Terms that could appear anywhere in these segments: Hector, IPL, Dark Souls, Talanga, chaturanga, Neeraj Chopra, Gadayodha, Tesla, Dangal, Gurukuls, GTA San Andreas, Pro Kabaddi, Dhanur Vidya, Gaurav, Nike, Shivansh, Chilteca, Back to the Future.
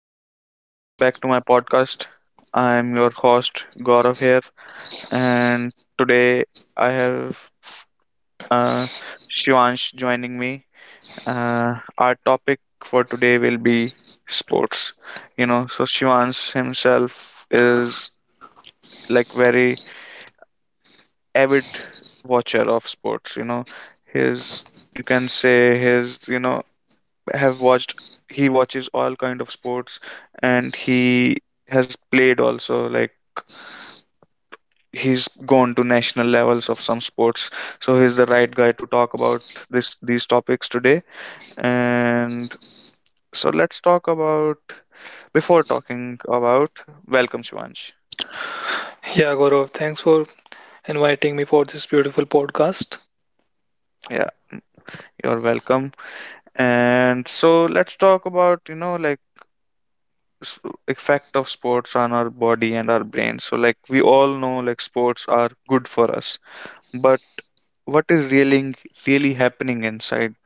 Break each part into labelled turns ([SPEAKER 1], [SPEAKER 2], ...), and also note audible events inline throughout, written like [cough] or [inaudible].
[SPEAKER 1] everyone. So, welcome back to my podcast. I am your host, Gaurav, here, and today I have uh, Shivansh joining me. Our topic for today will be sports. So Shivansh himself is like very avid watcher of sports. You know, his you can say his you know have watched he watches all kind of sports, and he has played also, like he's gone to national levels of some sports. So he's the right guy to talk about this these topics today, and so let's talk about before talking about welcome shivansh.
[SPEAKER 2] Yeah, Gaurav, thanks for inviting me for this beautiful podcast.
[SPEAKER 1] Yeah, you're welcome. And so let's talk about, like, s- effect of sports on our body and our brain. So, like, we all know, like, sports are good for us, but what is really really happening inside?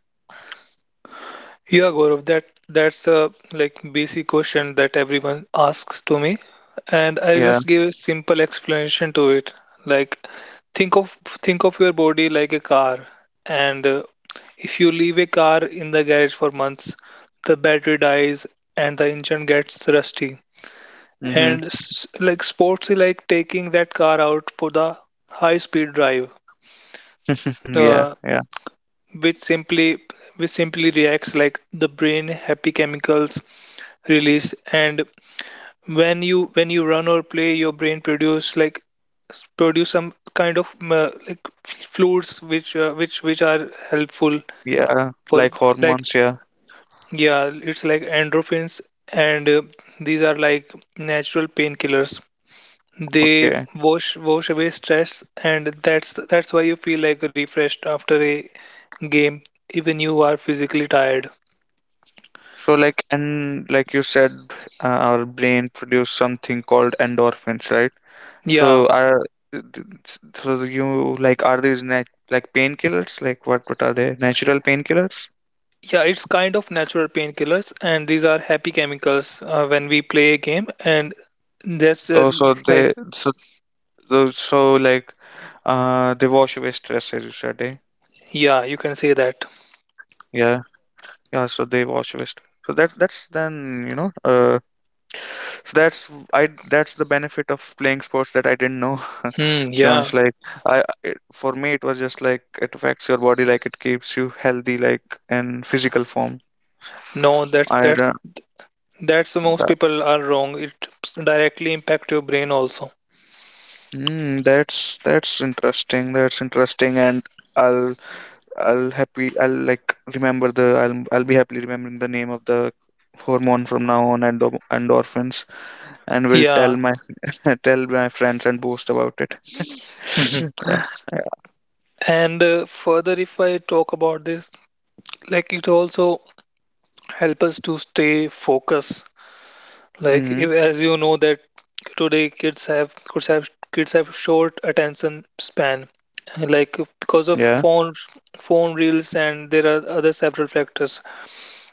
[SPEAKER 2] Yeah, Gaurav, that's a basic question that everyone asks to me, and I
[SPEAKER 1] Yeah.
[SPEAKER 2] just gave a simple explanation to it. Like, think of your body like a car, and if you leave a car in the garage for months, the battery dies and the engine gets rusty.
[SPEAKER 1] Mm-hmm.
[SPEAKER 2] Like sports is like taking that car out for the high speed drive.
[SPEAKER 1] Mm-hmm, yeah,
[SPEAKER 2] Uh,
[SPEAKER 1] yeah.
[SPEAKER 2] which simply which simply reacts like the brain happy chemicals release, and when you run or play your brain produce some kind of like fluids which are helpful
[SPEAKER 1] Yeah,
[SPEAKER 2] for,
[SPEAKER 1] like
[SPEAKER 2] like,
[SPEAKER 1] hormones, yeah.
[SPEAKER 2] yeah, it's like endorphins, and these are like natural painkillers. They
[SPEAKER 1] Okay.
[SPEAKER 2] wash away stress, and that's why you feel like refreshed after a game, even you are physically tired.
[SPEAKER 1] So, like, and like you said, our brain produce something called endorphins, right? So
[SPEAKER 2] Yeah,
[SPEAKER 1] are th- so you, like, are these like painkillers, like what are they, natural painkillers?
[SPEAKER 2] yeah, it's kind of natural painkillers, and these are happy chemicals when we play a game, and that's
[SPEAKER 1] Oh, so
[SPEAKER 2] like
[SPEAKER 1] they, like, they wash away stress, as you said, eh?
[SPEAKER 2] yeah, you can say that.
[SPEAKER 1] Yeah. Yeah, so they wash waste. So that's then, so that's the benefit of playing sports that I didn't know. [laughs]
[SPEAKER 2] Hmm,
[SPEAKER 1] Shivansh,
[SPEAKER 2] yeah,
[SPEAKER 1] for me it was just like it affects your body, like it keeps you healthy, like in physical form.
[SPEAKER 2] no, that's
[SPEAKER 1] I
[SPEAKER 2] that's
[SPEAKER 1] don't,
[SPEAKER 2] that's most
[SPEAKER 1] that,
[SPEAKER 2] people are wrong. It directly impact your brain also.
[SPEAKER 1] mm, That's interesting. That's interesting, and I'll I'll be happily remembering the name of the hormone from now on, endorphins. And will
[SPEAKER 2] Yeah.
[SPEAKER 1] tell my [laughs] tell my friends and boast about it.
[SPEAKER 2] Mhm. And further, if I talk about this, like it also help us to stay focused. Like
[SPEAKER 1] Hmm.
[SPEAKER 2] if, as you know, that today kids have short attention span, like
[SPEAKER 1] Yeah.
[SPEAKER 2] because of phone reels, and there are other several factors.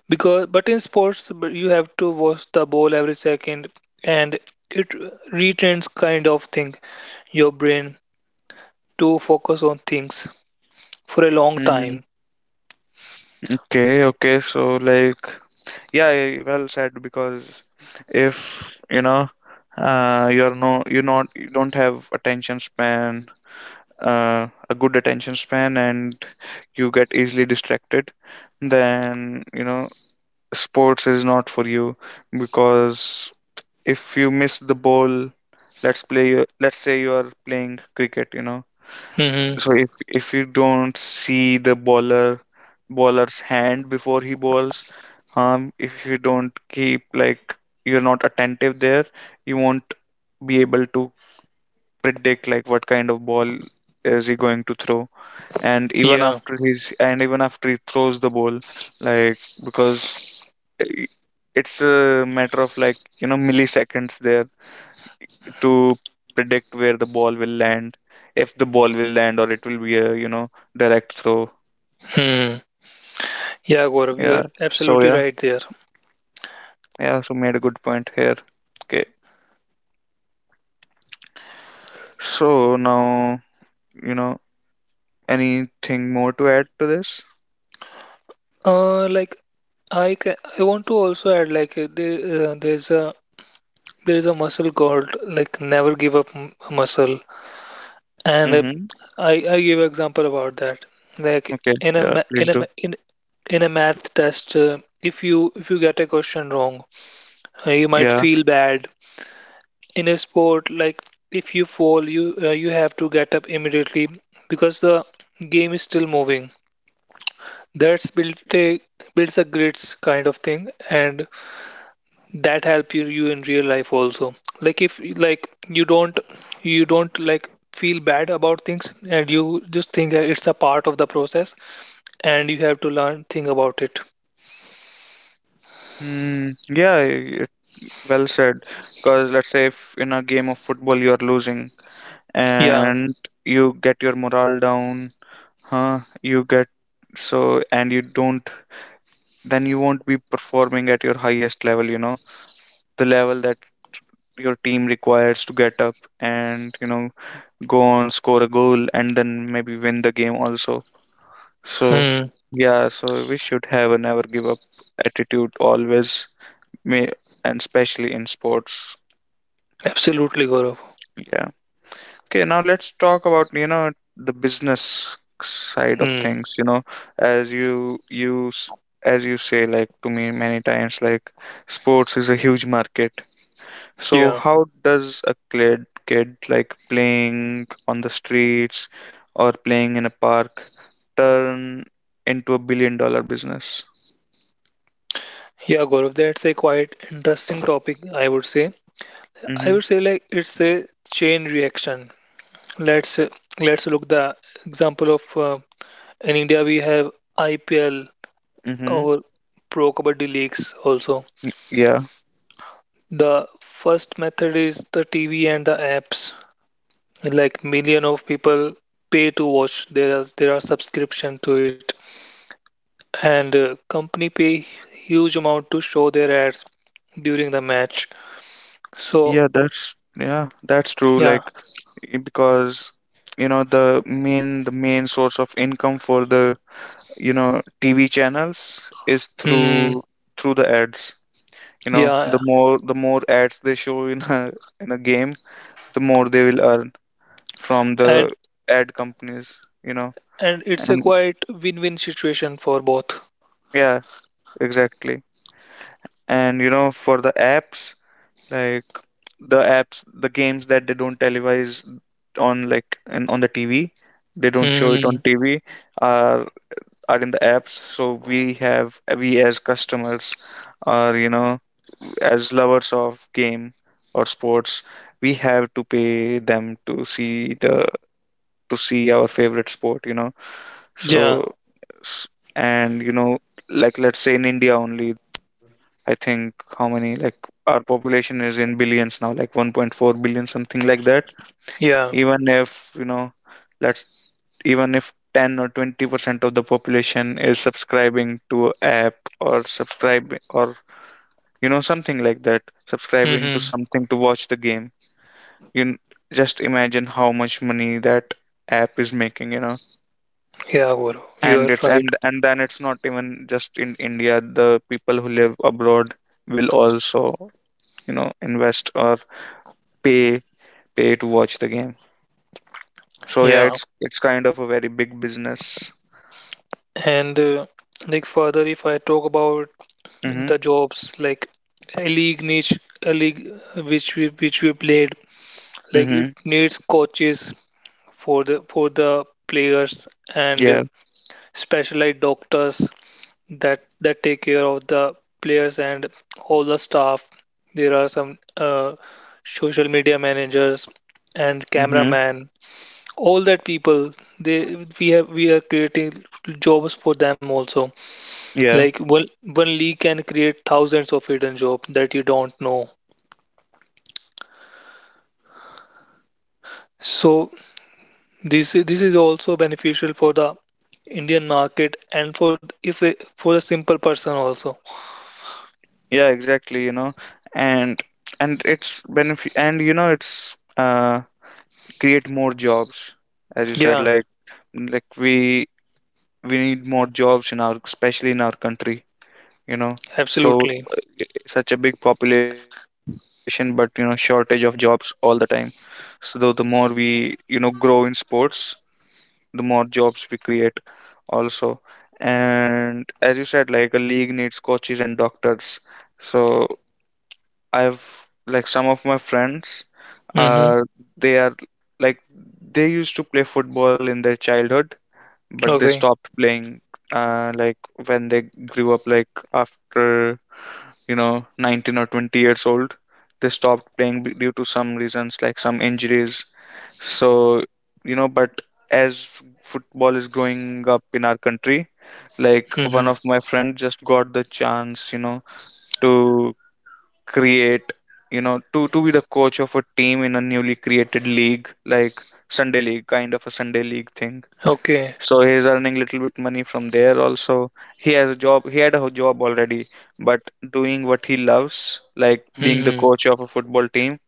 [SPEAKER 2] Because, but in sports, but you have to watch the ball every second, and it retrains kind of thing your brain to focus on things for a long
[SPEAKER 1] Hmm.
[SPEAKER 2] time.
[SPEAKER 1] Okay, okay. So, like, yeah, yeah, yeah, well said. Because if you're no, you not, you don't have attention span, a good attention span, and you get easily distracted, then sports is not for you. Because if you miss the ball, let's play. Let's say you are playing cricket.
[SPEAKER 2] Hmm
[SPEAKER 1] So if you don't see the bowler's hand before he bowls. If you don't keep, like, you're not attentive there, you won't be able to predict, like, what kind of ball is he going to throw. And
[SPEAKER 2] Yeah.
[SPEAKER 1] even after he throws the ball, like i- it's a matter of, like, you know, milliseconds there to predict where the ball will land, if the ball will land, or it will be a, you know, direct throw.
[SPEAKER 2] hmm
[SPEAKER 1] Yeah.
[SPEAKER 2] Yeah,
[SPEAKER 1] So yeah.
[SPEAKER 2] Gaurav, you are absolutely right there.
[SPEAKER 1] Yeah. So made a good point here. Okay. So now, you know, anything more to add to this?
[SPEAKER 2] Uh, like I want to also add, like, there is a muscle called like never give up muscle, and
[SPEAKER 1] Mm-hmm.
[SPEAKER 2] I I give example about that. Like
[SPEAKER 1] Okay. Yeah. Please do.
[SPEAKER 2] in a math test, if you get a question wrong, you might
[SPEAKER 1] Yeah.
[SPEAKER 2] feel bad. In a sport, like if you fall, you you have to get up immediately because the game is still moving. That's built a builds a grits kind of thing, and that help you in real life also, like if, like, you don't like feel bad about things, and you just think that it's a part of the process, and you have to learn think about it.
[SPEAKER 1] Hmm. Yeah. Well said. Because let's say if in a game of football you are losing
[SPEAKER 2] Yeah
[SPEAKER 1] and you get your morale down, huh? You get so, and you don't. Then you won't be performing at your highest level. You know the level that your team requires to get up, and, go on, score a goal, and then maybe win the game also. So
[SPEAKER 2] hmm
[SPEAKER 1] yeah, so we should have a never give up attitude always, may and especially in sports.
[SPEAKER 2] absolutely, Gaurav.
[SPEAKER 1] Yeah. Okay, now let's talk about, the business side of
[SPEAKER 2] Hmm
[SPEAKER 1] things, as you use as you say, like, to me many times, like sports is a huge market. So
[SPEAKER 2] yeah
[SPEAKER 1] how does a kid like playing on the streets or playing in a park turn into a billion dollar business?
[SPEAKER 2] yeah, Gaurav, that's a quite interesting topic, I would say. I
[SPEAKER 1] Mm-hmm.
[SPEAKER 2] would say like it's a chain reaction. Let's uh, let's look the example of in India we have IPL
[SPEAKER 1] Mm-hmm.
[SPEAKER 2] or pro kabaddi leagues also.
[SPEAKER 1] Yeah.
[SPEAKER 2] The first method is the TV and the apps. Like million of people pay to watch. There are subscription to it, and company pay huge amount to show their ads during the match. So,
[SPEAKER 1] Yeah, that's yeah, that's true.
[SPEAKER 2] yeah,
[SPEAKER 1] Like because, the main source of income for the, TV channels is
[SPEAKER 2] hmm,
[SPEAKER 1] through the ads.
[SPEAKER 2] yeah,
[SPEAKER 1] The more ads they show in a game, the more they will earn from the
[SPEAKER 2] and
[SPEAKER 1] ad companies.
[SPEAKER 2] it's a
[SPEAKER 1] And
[SPEAKER 2] quite win-win situation for both.
[SPEAKER 1] yeah, exactly. And, for the apps, like the apps, the games that they don't televise on like and on the TV, they don't show it
[SPEAKER 2] Hmm.
[SPEAKER 1] on TV, are in the apps. So we as customers are, as lovers of game or sports, we have to pay them to see our favorite sport.
[SPEAKER 2] Yeah,
[SPEAKER 1] So s- and like let's say in India only, I think how many, like, our population is in billions now, like 1.4 billion, something like that.
[SPEAKER 2] yeah.
[SPEAKER 1] Even if, let's even if 10 or 20% of the population is subscribing to a app, or subscribe or you know something like that subscribing to
[SPEAKER 2] hmm
[SPEAKER 1] something to watch the game, you n- just imagine how much money that app is making.
[SPEAKER 2] Yeah, Guru, you
[SPEAKER 1] And
[SPEAKER 2] are
[SPEAKER 1] it's
[SPEAKER 2] right.
[SPEAKER 1] and then it's not even just in India. The people who live abroad will also, invest or pay pay to watch the game. So yeah,
[SPEAKER 2] Yeah,
[SPEAKER 1] it's kind of a very big business.
[SPEAKER 2] and like further, if I talk about the
[SPEAKER 1] Mm-hmm.
[SPEAKER 2] jobs, like a league niche a league which we played, like
[SPEAKER 1] Mm-hmm.
[SPEAKER 2] it needs coaches for the players, and
[SPEAKER 1] Yeah.
[SPEAKER 2] specialized doctors that take care of the players and all the staff. There are some uh, social media managers and
[SPEAKER 1] Mm-hmm.
[SPEAKER 2] cameraman, all that people. They, we are creating jobs for them also.
[SPEAKER 1] Yeah.
[SPEAKER 2] Like one leak can create thousands of hidden jobs that you don't know. So this is also beneficial for the Indian market and for if a- for a simple person also.
[SPEAKER 1] Yeah, exactly. And it's benefit, and you know it's create more jobs, as you said,
[SPEAKER 2] Yeah,
[SPEAKER 1] like, like we we need more jobs in our especially in our country, you know. So
[SPEAKER 2] absolutely.
[SPEAKER 1] such a big population, but, shortage of jobs all the time. So the more we, grow in sports, the more jobs we create also. And as you said, like a league needs coaches and doctors. So I've like some of my friends
[SPEAKER 2] Mm-hmm.
[SPEAKER 1] are, they are like they used to play football in their childhood, but they
[SPEAKER 2] Okay.
[SPEAKER 1] stopped playing like when they grew up, like after, 19 or 20 years old, they stopped playing due to some reasons, like some injuries. So, but as football is growing up in our country, like one
[SPEAKER 2] Mm-hmm.
[SPEAKER 1] of my friends just got the chance, to create, to be the coach of a team in a newly created league, like sunday league kind of a Sunday league thing.
[SPEAKER 2] Okay.
[SPEAKER 1] So he's earning little bit money from there also. He has a job he had a job already, but doing what he loves, like being the
[SPEAKER 2] Mm-hmm.
[SPEAKER 1] coach of a football team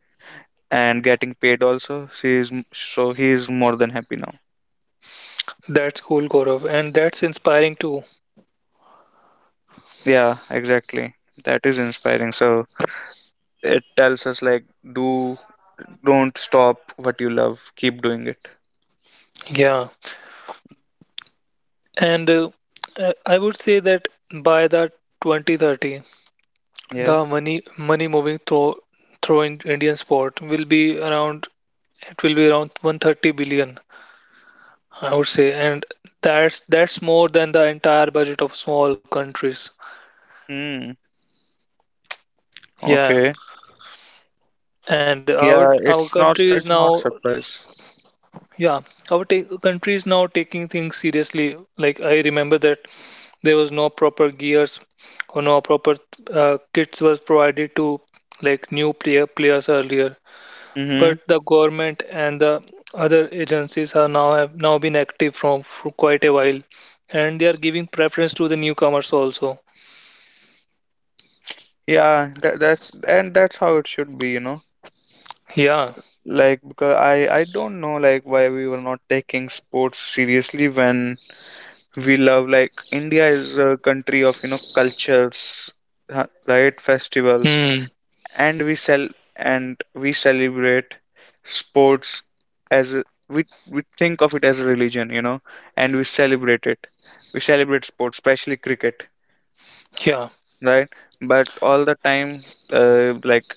[SPEAKER 1] and getting paid also. So he is more than happy now.
[SPEAKER 2] That's cool, Gaurav, and that's inspiring too.
[SPEAKER 1] Yeah, exactly, that is inspiring. So it tells us, like, do don't stop what you love, keep doing it.
[SPEAKER 2] Yeah, and I would say that by the 2030,
[SPEAKER 1] Yeah.
[SPEAKER 2] the money moving through in Indian sport will be around, it will be around 130 billion, I would say, and that's more than the entire budget of small countries.
[SPEAKER 1] Mm,
[SPEAKER 2] Yeah,
[SPEAKER 1] okay.
[SPEAKER 2] and
[SPEAKER 1] Yeah,
[SPEAKER 2] our country is
[SPEAKER 1] it's not
[SPEAKER 2] now,
[SPEAKER 1] surprise.
[SPEAKER 2] yeah, our country is now taking things seriously. Like I remember that there was no proper gears or no proper kits was provided to, like, new players earlier.
[SPEAKER 1] Mm-hmm.
[SPEAKER 2] But the government and the other agencies are now, have now been active from for quite a while, and they are giving preference to the newcomers also.
[SPEAKER 1] Yeah, that's how it should be.
[SPEAKER 2] Yeah.
[SPEAKER 1] Like because I don't know, like, why we were not taking sports seriously. When we love, like, India is a country of, cultures, huh? Right. Festivals.
[SPEAKER 2] Hmm.
[SPEAKER 1] And we sell and we celebrate sports as we think of it as a religion. And we celebrate sports, especially cricket,
[SPEAKER 2] Yeah.
[SPEAKER 1] right? But all the time, like,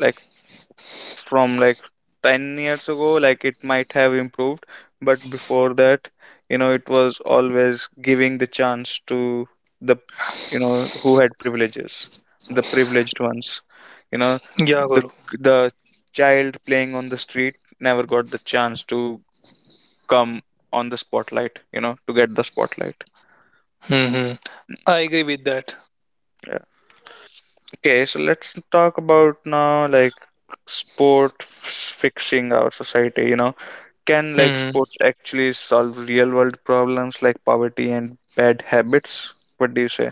[SPEAKER 1] like from, like, 10 years ago, like it might have improved, but before that, it was always giving the chance to the you know who had privileges the privileged ones you know
[SPEAKER 2] Yeah,
[SPEAKER 1] the
[SPEAKER 2] Guru.
[SPEAKER 1] the child playing on the street never got the chance to come on the spotlight you know to get the spotlight.
[SPEAKER 2] Hmm hmm. I agree with that.
[SPEAKER 1] Yeah. Okay, so let's talk about now, like, sport f- fixing our society, you know. Can, like,
[SPEAKER 2] Hmm.
[SPEAKER 1] sports actually solve real world problems like poverty and bad habits? What do you say?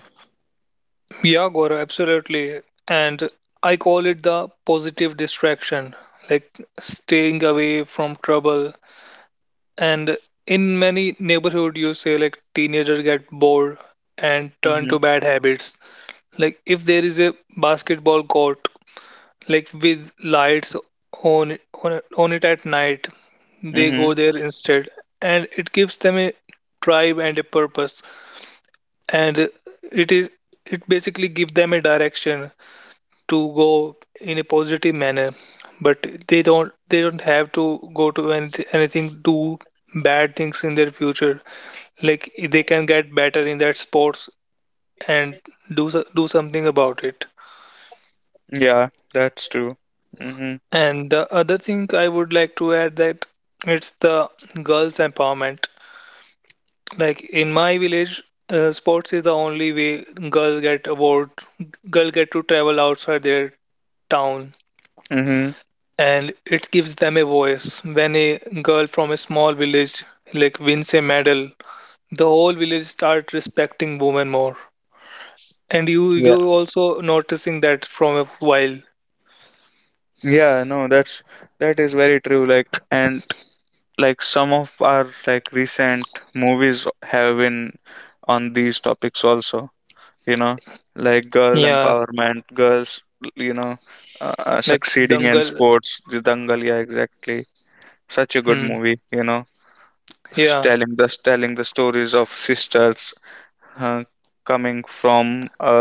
[SPEAKER 2] Yeah, Guru, absolutely. And I call it the positive distraction, like staying away from trouble. And in many neighborhood, you say like teenagers get bored and turn
[SPEAKER 1] Mhm.
[SPEAKER 2] to bad habits. Like if there is a basketball court, like with lights on, on it at night, they go
[SPEAKER 1] Mhm.
[SPEAKER 2] there instead, and it gives them a tribe and a purpose, and it is, it basically give them a direction to go in a positive manner. But they don't have to go to anything, do bad things in their future. Like they can get better in that sports and do something about it.
[SPEAKER 1] Yeah, that's true. Mhm.
[SPEAKER 2] And the other thing I would like to add that it's the girls' empowerment. Like in my village, sports is the only way girl get award, girl get to travel outside their town,
[SPEAKER 1] Mhm.
[SPEAKER 2] and it gives them a voice. When a girl from a small village like wins a medal, the whole village start respecting women more. And you
[SPEAKER 1] Yeah.
[SPEAKER 2] you also noticing that from a while.
[SPEAKER 1] Yeah, no, that's that is very true, like, and, like, some of our, like, recent movies have been on these topics also, you know, like girl
[SPEAKER 2] Yeah,
[SPEAKER 1] empowerment, girls, you know,
[SPEAKER 2] like
[SPEAKER 1] succeeding in
[SPEAKER 2] Dangal.
[SPEAKER 1] sports, the Dangal, yeah, exactly. Such a good
[SPEAKER 2] Hmm.
[SPEAKER 1] movie.
[SPEAKER 2] Yeah.
[SPEAKER 1] Telling the stories of sisters, uh, coming from a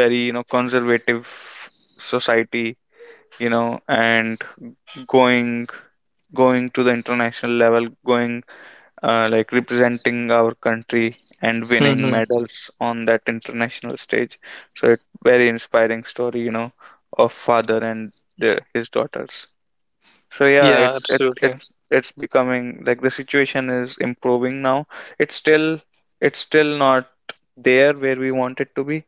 [SPEAKER 1] very, conservative society, and going to the international level, going like representing our country and
[SPEAKER 2] hmm
[SPEAKER 1] winning
[SPEAKER 2] hmm,
[SPEAKER 1] medals on that international stage. So it very inspiring story, of father and his daughters. So yeah,
[SPEAKER 2] Yeah,
[SPEAKER 1] it's,
[SPEAKER 2] absolutely.
[SPEAKER 1] becoming, like, the situation is improving now. It's still, not there where we want it to be.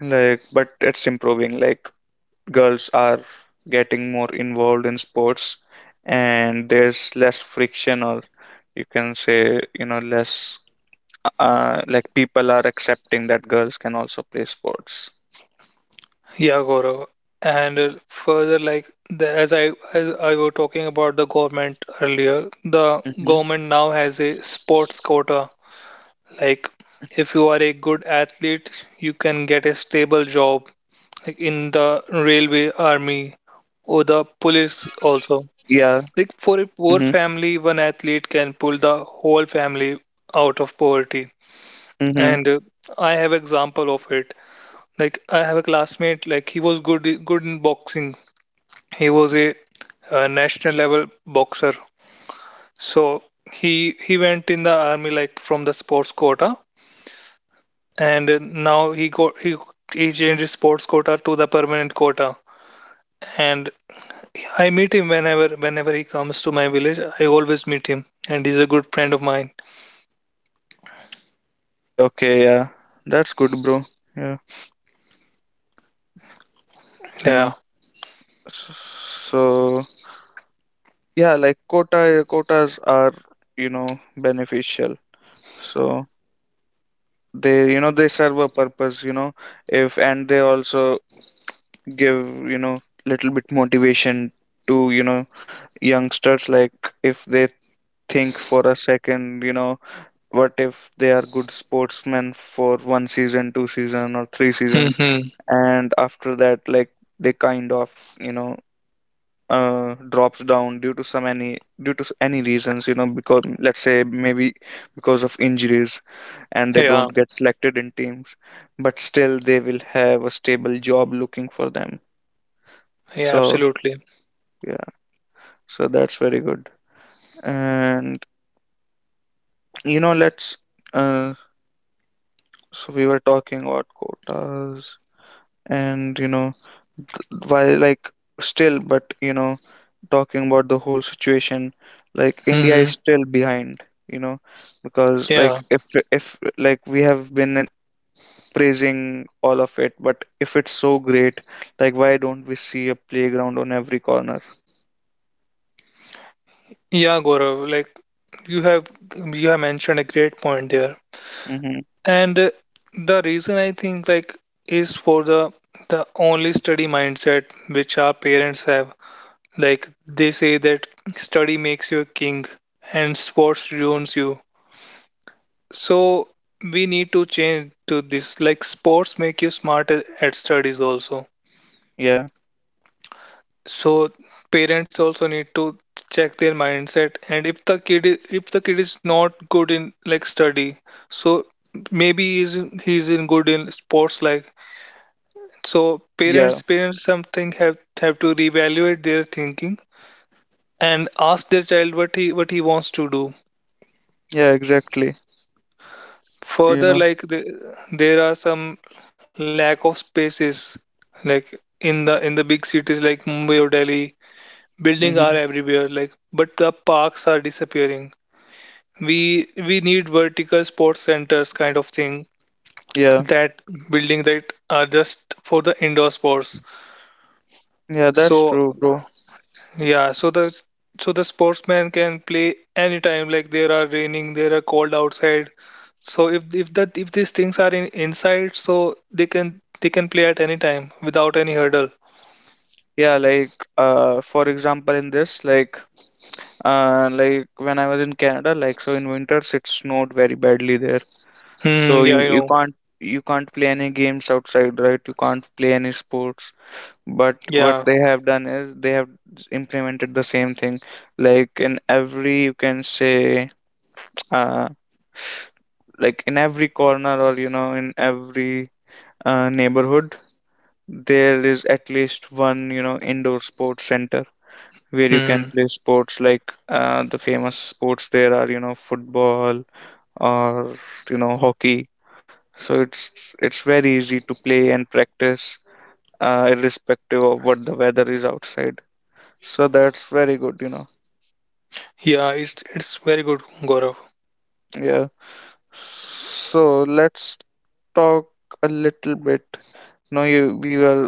[SPEAKER 1] Like, but it's improving. Like girls are getting more involved in sports, and there's less friction, or you can say, less, like, people are accepting that girls can also play sports.
[SPEAKER 2] Yeah, Gaurav. And further, like the, as I was talking about the government earlier, the
[SPEAKER 1] Mm-hmm.
[SPEAKER 2] government now has a sports quota. Like if you are a good athlete, you can get a stable job like in the railway, army, or the police
[SPEAKER 1] Yeah.
[SPEAKER 2] also. Like for
[SPEAKER 1] Mm-hmm.
[SPEAKER 2] a poor family, one athlete can pull the whole family out of poverty.
[SPEAKER 1] Mm-hmm.
[SPEAKER 2] And I have example of it. Like I have a classmate, like he was good in boxing. He was a, national level boxer. So he he went in the army like from the sports quota, and now he got he changed his sports quota to the permanent quota. And I meet him whenever he comes to my village. I always meet him, and he's a good friend of mine.
[SPEAKER 1] Okay, okay, yeah. That's good, bro. Yeah, you
[SPEAKER 2] Yeah.
[SPEAKER 1] know. So yeah, like quotas are, beneficial. So they, they serve a purpose. You know if and they also give, you know little bit motivation to, youngsters. Like if they think for a second, what if they are good sportsmen for one season, two season, or three seasons,
[SPEAKER 2] hmm
[SPEAKER 1] and after that, like, they kind of drops down due to some any due to s- any reasons, because let's say maybe because of injuries and they
[SPEAKER 2] Yeah.
[SPEAKER 1] don't get selected in teams, but still they will have a stable job looking for them.
[SPEAKER 2] Yeah.
[SPEAKER 1] So
[SPEAKER 2] Absolutely.
[SPEAKER 1] yeah, so that's very good. And let's uh so we were talking about quotas, and while, like, still, but talking about the whole situation, like India is
[SPEAKER 2] Hmm
[SPEAKER 1] still behind, you know Because,
[SPEAKER 2] Yeah.
[SPEAKER 1] like, if like we have been praising all of it, but if it's so great, like why don't we see a playground on every corner?
[SPEAKER 2] Yeah, Gaurav. Like you have you have mentioned a great point there.
[SPEAKER 1] Mm-hmm.
[SPEAKER 2] And the reason I think, like, is for the only study mindset which our parents have. Like they say that study makes you a king and sports ruins you. So we need to change to this. Like sports make you smart at studies also.
[SPEAKER 1] Yeah,
[SPEAKER 2] So parents also need to check their mindset. And if if the kid is not good in like study, so maybe he's in good in sports, like. So
[SPEAKER 1] yeah,
[SPEAKER 2] parents, parents something have to reevaluate their thinking and ask their child what he wants to do.
[SPEAKER 1] yeah, exactly, you
[SPEAKER 2] Further,
[SPEAKER 1] know
[SPEAKER 2] like the, there are some lack of spaces, like in the big cities like Mumbai or Delhi, buildings are
[SPEAKER 1] mm-hmm.
[SPEAKER 2] everywhere. Like, but the parks are disappearing. We need vertical sports centers kind of thing,
[SPEAKER 1] Yeah,
[SPEAKER 2] that building that are just for the indoor sports.
[SPEAKER 1] yeah, that's
[SPEAKER 2] So,
[SPEAKER 1] true, bro.
[SPEAKER 2] yeah, so the sportsman can play anytime. Like there are raining, there are cold outside. So if these things are in inside, so they can play at any time without any hurdle.
[SPEAKER 1] Yeah, like for example in this, like when I was in Canada, like so in winters it snowed very badly there.
[SPEAKER 2] Hmm.
[SPEAKER 1] So
[SPEAKER 2] Yeah,
[SPEAKER 1] you,
[SPEAKER 2] I
[SPEAKER 1] you
[SPEAKER 2] know.
[SPEAKER 1] can't you can't play any games outside, right? You can't play any sports. But
[SPEAKER 2] Yeah.
[SPEAKER 1] what they have done is they have implemented the same thing. Like in every, you can say, [tsk] uh like in every corner, or in every neighborhood, there is at least one, indoor sports center where you can
[SPEAKER 2] Hmm.
[SPEAKER 1] play sports like, the famous sports there are, football, or hockey. So it's very easy to play and practice, irrespective of what the weather is outside. So that's very good, you know
[SPEAKER 2] Yeah. It's very good, Gaurav.
[SPEAKER 1] Yeah, so let's talk a little bit. No, you, we were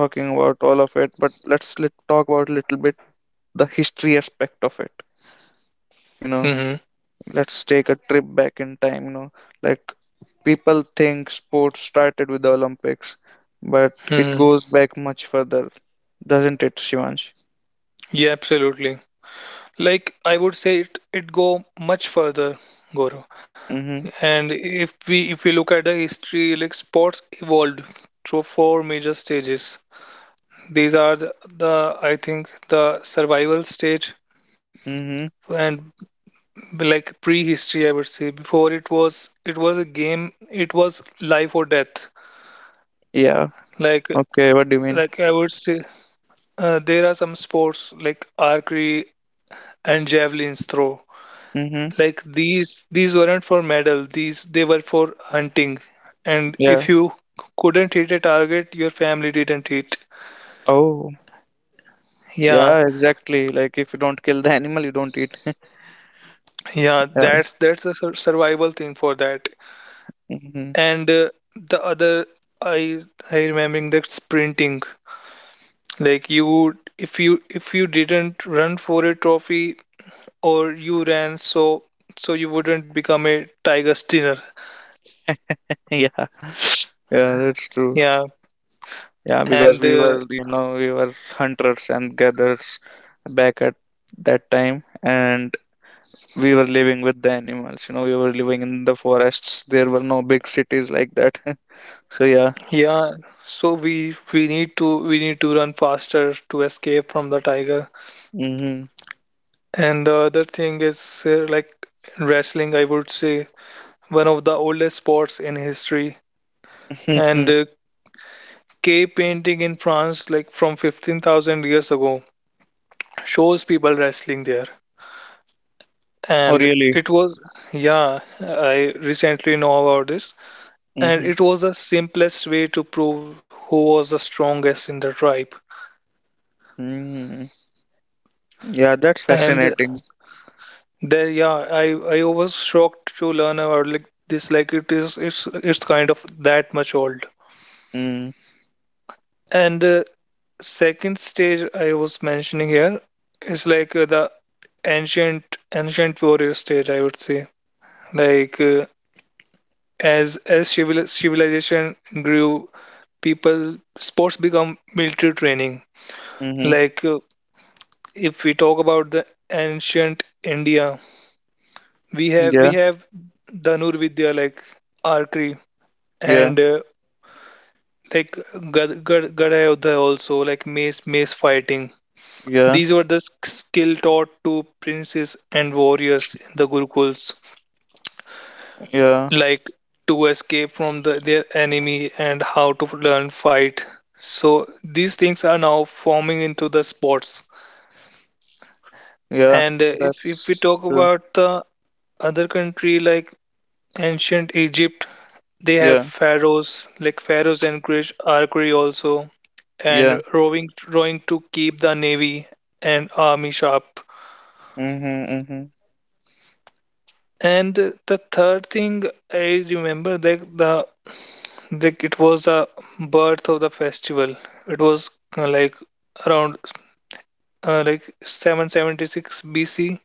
[SPEAKER 1] talking about all of it, but let's talk about a little bit the history aspect of it, you know.
[SPEAKER 2] Hmm.
[SPEAKER 1] Let's take a trip back in time, like people think sports started with the Olympics, but it
[SPEAKER 2] Hmm.
[SPEAKER 1] goes back much further, doesn't it, Shivansh?
[SPEAKER 2] Yeah, absolutely. Like I would say it go much further, Gaurav.
[SPEAKER 1] Mm-hmm.
[SPEAKER 2] And if we look at the history, like sports evolved through four major stages. These are the, I think, the survival stage
[SPEAKER 1] Mm-hmm.
[SPEAKER 2] and like prehistory, I would say. Before, it was a game. It was life or death.
[SPEAKER 1] Yeah.
[SPEAKER 2] Like
[SPEAKER 1] Okay, what do you mean?
[SPEAKER 2] like I would say there are some sports like archery and javelins throw.
[SPEAKER 1] Mm-hmm.
[SPEAKER 2] Like these weren't for medal. These, they were for hunting. And
[SPEAKER 1] Yeah.
[SPEAKER 2] if you couldn't hit a target, your family didn't hit.
[SPEAKER 1] Oh,
[SPEAKER 2] Yeah,
[SPEAKER 1] yeah, exactly, like if you don't kill the animal you don't eat. [laughs]
[SPEAKER 2] yeah,
[SPEAKER 1] Yeah.
[SPEAKER 2] that's a survival thing for that.
[SPEAKER 1] Mm-hmm.
[SPEAKER 2] And the other, I I remembering that sprinting. Like you, if you didn't run for a trophy or you ran, so you wouldn't become a tiger stinner.
[SPEAKER 1] Yeah. [laughs] Yeah, that's true.
[SPEAKER 2] Yeah,
[SPEAKER 1] Yeah, because
[SPEAKER 2] and
[SPEAKER 1] we were, hunters and gatherers back at that time, and we were living with the animals, we were living in the forests, there were no big cities like that. [laughs] So yeah.
[SPEAKER 2] yeah, so we need to run faster to escape from the tiger.
[SPEAKER 1] Mm-hmm.
[SPEAKER 2] And the other thing is like wrestling, I would say, one of the oldest sports in history, and K painting in France, like from 15,000 years ago, shows people wrestling there.
[SPEAKER 1] [laughs] Oh,
[SPEAKER 2] And
[SPEAKER 1] really?
[SPEAKER 2] it was, yeah, I recently know about this. And
[SPEAKER 1] Mm-hmm.
[SPEAKER 2] it was the simplest way to prove who was the strongest in the tribe.
[SPEAKER 1] Mm-hmm. Yeah, that's
[SPEAKER 2] And
[SPEAKER 1] fascinating.
[SPEAKER 2] there, yeah, I was shocked to learn about like this. Like it is, it's kind of that much old.
[SPEAKER 1] Mm-hmm.
[SPEAKER 2] And second stage I was mentioning here is like the ancient ancient warrior stage, I would say. Like as civilization grew, people sports become military training. Like if we talk about the ancient India, we have we
[SPEAKER 1] Yeah,
[SPEAKER 2] have Dhanur Vidya like archery
[SPEAKER 1] yeah,
[SPEAKER 2] and like Gadayodha also like mace fighting.
[SPEAKER 1] yeah,
[SPEAKER 2] These were the skill taught to princes and warriors in the Gurukuls.
[SPEAKER 1] yeah,
[SPEAKER 2] Like to escape from their enemy and how to learn fight. So these things are now forming into the sports.
[SPEAKER 1] yeah,
[SPEAKER 2] And if we
[SPEAKER 1] that's
[SPEAKER 2] talk
[SPEAKER 1] true.
[SPEAKER 2] about the other country like ancient Egypt, they have
[SPEAKER 1] Yeah,
[SPEAKER 2] pharaohs, like pharaohs encourage archery also, and
[SPEAKER 1] yeah.
[SPEAKER 2] rowing to keep the navy and army sharp.
[SPEAKER 1] Mm-hmm. Mm-hmm.
[SPEAKER 2] And the third thing I remember that the, like it was the birth of the festival. It was like around like 776 BC.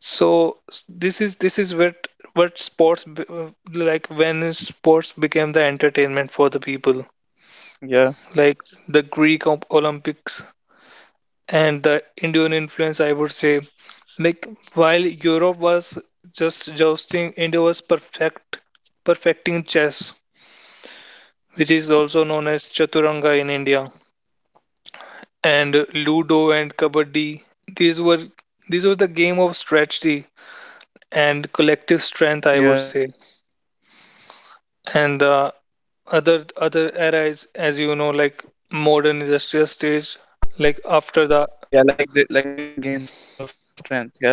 [SPEAKER 2] So this is what sports like when is sports became the entertainment for the people. Like the
[SPEAKER 1] Yeah,
[SPEAKER 2] Olympics and the Indian influence, I would say. Like while Europe was just jousting, India was perfecting chess, which is also known as chaturanga in India, and Ludo and
[SPEAKER 1] yeah,
[SPEAKER 2] Kabaddi. These were the game of strategy and collective strength, I would say. And the other era is, as you know, like
[SPEAKER 1] yeah,
[SPEAKER 2] modern industrial
[SPEAKER 1] like they were
[SPEAKER 2] stage,
[SPEAKER 1] games of
[SPEAKER 2] like
[SPEAKER 1] strength.
[SPEAKER 2] after
[SPEAKER 1] Yeah,
[SPEAKER 2] the,
[SPEAKER 1] games of strength and strategy.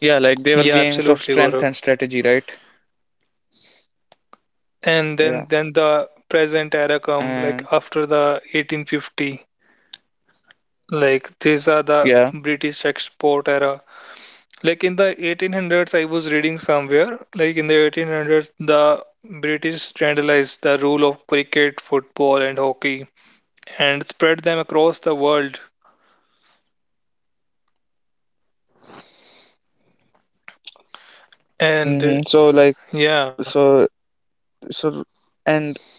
[SPEAKER 1] Yeah, like they were
[SPEAKER 2] yeah,
[SPEAKER 1] games of
[SPEAKER 2] absolutely,
[SPEAKER 1] strength
[SPEAKER 2] Gaurav.
[SPEAKER 1] and strategy, right?
[SPEAKER 2] And then
[SPEAKER 1] Yeah.
[SPEAKER 2] then the present era come like
[SPEAKER 1] And
[SPEAKER 2] after the 1850. Like these are the
[SPEAKER 1] yeah.
[SPEAKER 2] British export era. Like in the 1800s, I was reading somewhere, like in the 1800s, the British standardized the rule of cricket, football, and hockey, and spread them across the world. And
[SPEAKER 1] Hmm. So like,
[SPEAKER 2] yeah,
[SPEAKER 1] so so and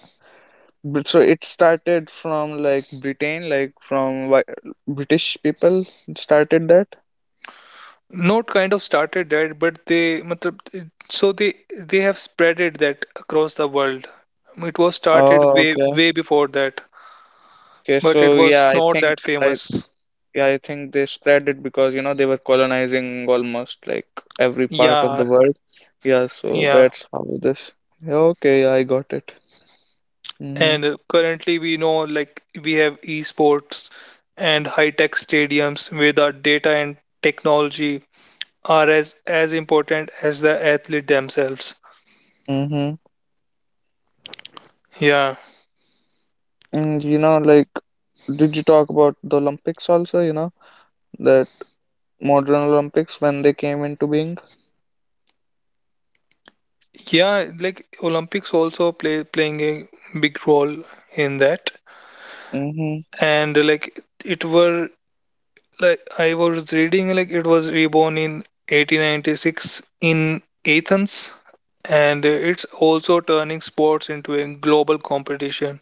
[SPEAKER 1] but so it started from like Britain, like from British people started that.
[SPEAKER 2] not kind of started that, but they, matlab, it- so they have spread it that across the world. It was started
[SPEAKER 1] Oh,
[SPEAKER 2] way
[SPEAKER 1] okay.
[SPEAKER 2] way before that,
[SPEAKER 1] Okay.
[SPEAKER 2] but it
[SPEAKER 1] So
[SPEAKER 2] was
[SPEAKER 1] yeah, I
[SPEAKER 2] not that
[SPEAKER 1] think, I
[SPEAKER 2] famous.
[SPEAKER 1] yeah, I think they spread it because they were colonizing almost like every part of the
[SPEAKER 2] Yeah,
[SPEAKER 1] world. Yeah. So
[SPEAKER 2] yeah,
[SPEAKER 1] that's how this. Yeah. Okay, yeah, I got it. Mm-hmm.
[SPEAKER 2] and currently, we know like we have esports and high-tech stadiums where the data and technology are as important as the athlete themselves.
[SPEAKER 1] Mm-hmm.
[SPEAKER 2] Yeah,
[SPEAKER 1] And, like, did you talk about the Olympics also? That modern Olympics when they came into being.
[SPEAKER 2] yeah, like Olympics also playing a big role in that.
[SPEAKER 1] Mm-hmm.
[SPEAKER 2] And like it were, like I was reading, like it was reborn in 1896 in Athens, and it's also turning sports into a global competition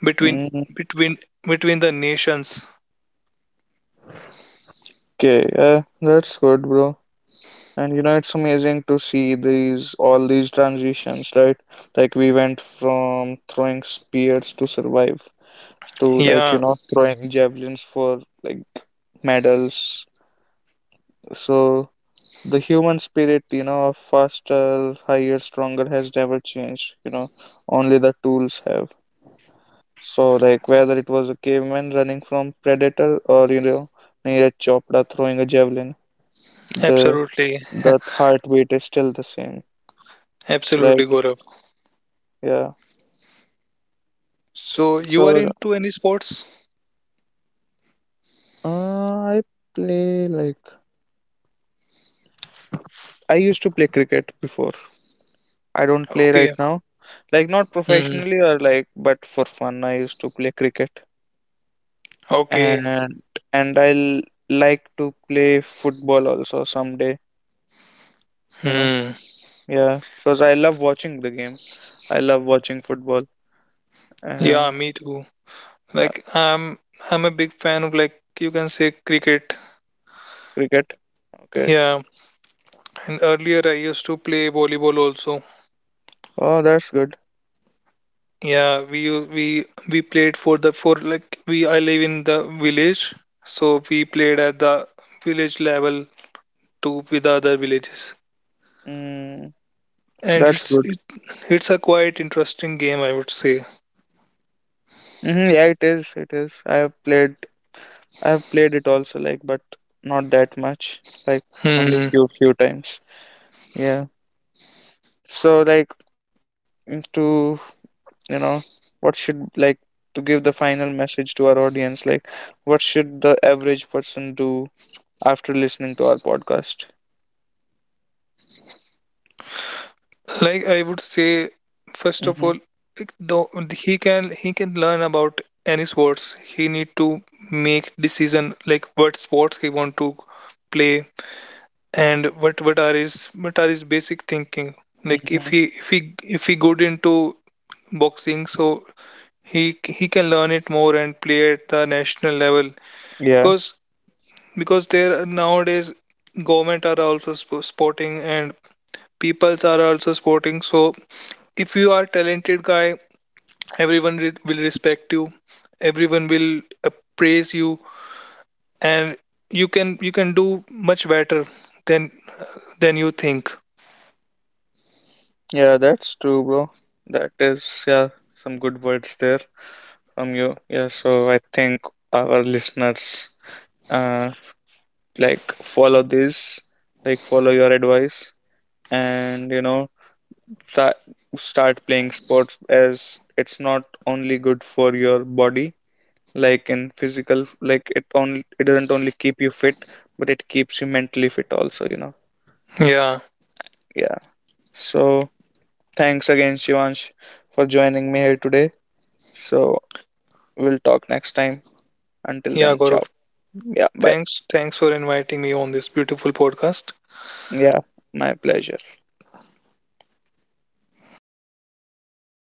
[SPEAKER 2] between
[SPEAKER 1] Mm-hmm.
[SPEAKER 2] between between the nations.
[SPEAKER 1] Okay, yeah, that's good, bro. And, it's amazing to see these all these transitions, right? Like we went from throwing spears to survive to, like,
[SPEAKER 2] Yeah,
[SPEAKER 1] throwing javelins for, like, medals. So the human spirit, of faster, higher, stronger has never changed, only the tools have. So like, whether it was a caveman running from predator or, Neeraj Chopra throwing a javelin, the
[SPEAKER 2] absolutely,
[SPEAKER 1] the heartbeat is still the same, right?
[SPEAKER 2] absolutely, Gaurav.
[SPEAKER 1] Yeah.
[SPEAKER 2] So you are
[SPEAKER 1] So
[SPEAKER 2] into any sports?
[SPEAKER 1] I play, like, I used to play cricket before. I don't play right
[SPEAKER 2] Okay.
[SPEAKER 1] now, like not
[SPEAKER 2] Hmm.
[SPEAKER 1] professionally or like, but for fun I used to play cricket.
[SPEAKER 2] Okay.
[SPEAKER 1] And I'll like to play football also someday, you know.
[SPEAKER 2] Hmm.
[SPEAKER 1] Yeah, because I love watching the game. I love watching football.
[SPEAKER 2] Yeah,
[SPEAKER 1] Uh,
[SPEAKER 2] me too.
[SPEAKER 1] Yeah,
[SPEAKER 2] Like I'm a big fan of, like, you can say cricket.
[SPEAKER 1] cricket. Okay.
[SPEAKER 2] Yeah. And earlier I used to play volleyball also.
[SPEAKER 1] Oh, that's good.
[SPEAKER 2] Yeah, we u- we played for the, for like, we, I live in the village, so we played at the village level to with the other villages.
[SPEAKER 1] Mm,
[SPEAKER 2] And
[SPEAKER 1] that's good.
[SPEAKER 2] it's a quite interesting game, I would say.
[SPEAKER 1] Hmm. Yeah, it is. It is. I have played. I have played it also, like, but not that much. Like, only
[SPEAKER 2] Hmm.
[SPEAKER 1] few times. Yeah. So, like, to, you know, what should, like, to give the final message to our audience? Like, what should the average person do after listening to our podcast?
[SPEAKER 2] Like I would say, first of all, like,
[SPEAKER 1] Mm-hmm.
[SPEAKER 2] though he can learn about any sports. He need to make decision like what sports he want to play, and what are his, what are his basic thinking. Like
[SPEAKER 1] Mm-hmm.
[SPEAKER 2] if he good into boxing, so he can learn it more and play at the national level,
[SPEAKER 1] Yeah.
[SPEAKER 2] because because there nowadays government are also sporting, and peoples are also sporting, so if you are talented guy, everyone will respect you, everyone will praise you, and you can do much better than you think.
[SPEAKER 1] Yeah, that's true, bro. That is, yeah, some good words there from you. Yeah, so I think our listeners, uh, like, follow this, like follow your advice, and try, start playing sports, as it's not only good for your body, like in physical, like it doesn't only keep you fit, but it keeps you mentally fit also, you know.
[SPEAKER 2] Yeah.
[SPEAKER 1] Yeah. So thanks again, Shivansh, for joining me here today. So we'll talk next time. Until then,
[SPEAKER 2] Yeah,
[SPEAKER 1] ciao.
[SPEAKER 2] Gaurav,
[SPEAKER 1] Yeah, bye.
[SPEAKER 2] thanks for inviting me on this beautiful podcast.
[SPEAKER 1] Yeah, my pleasure.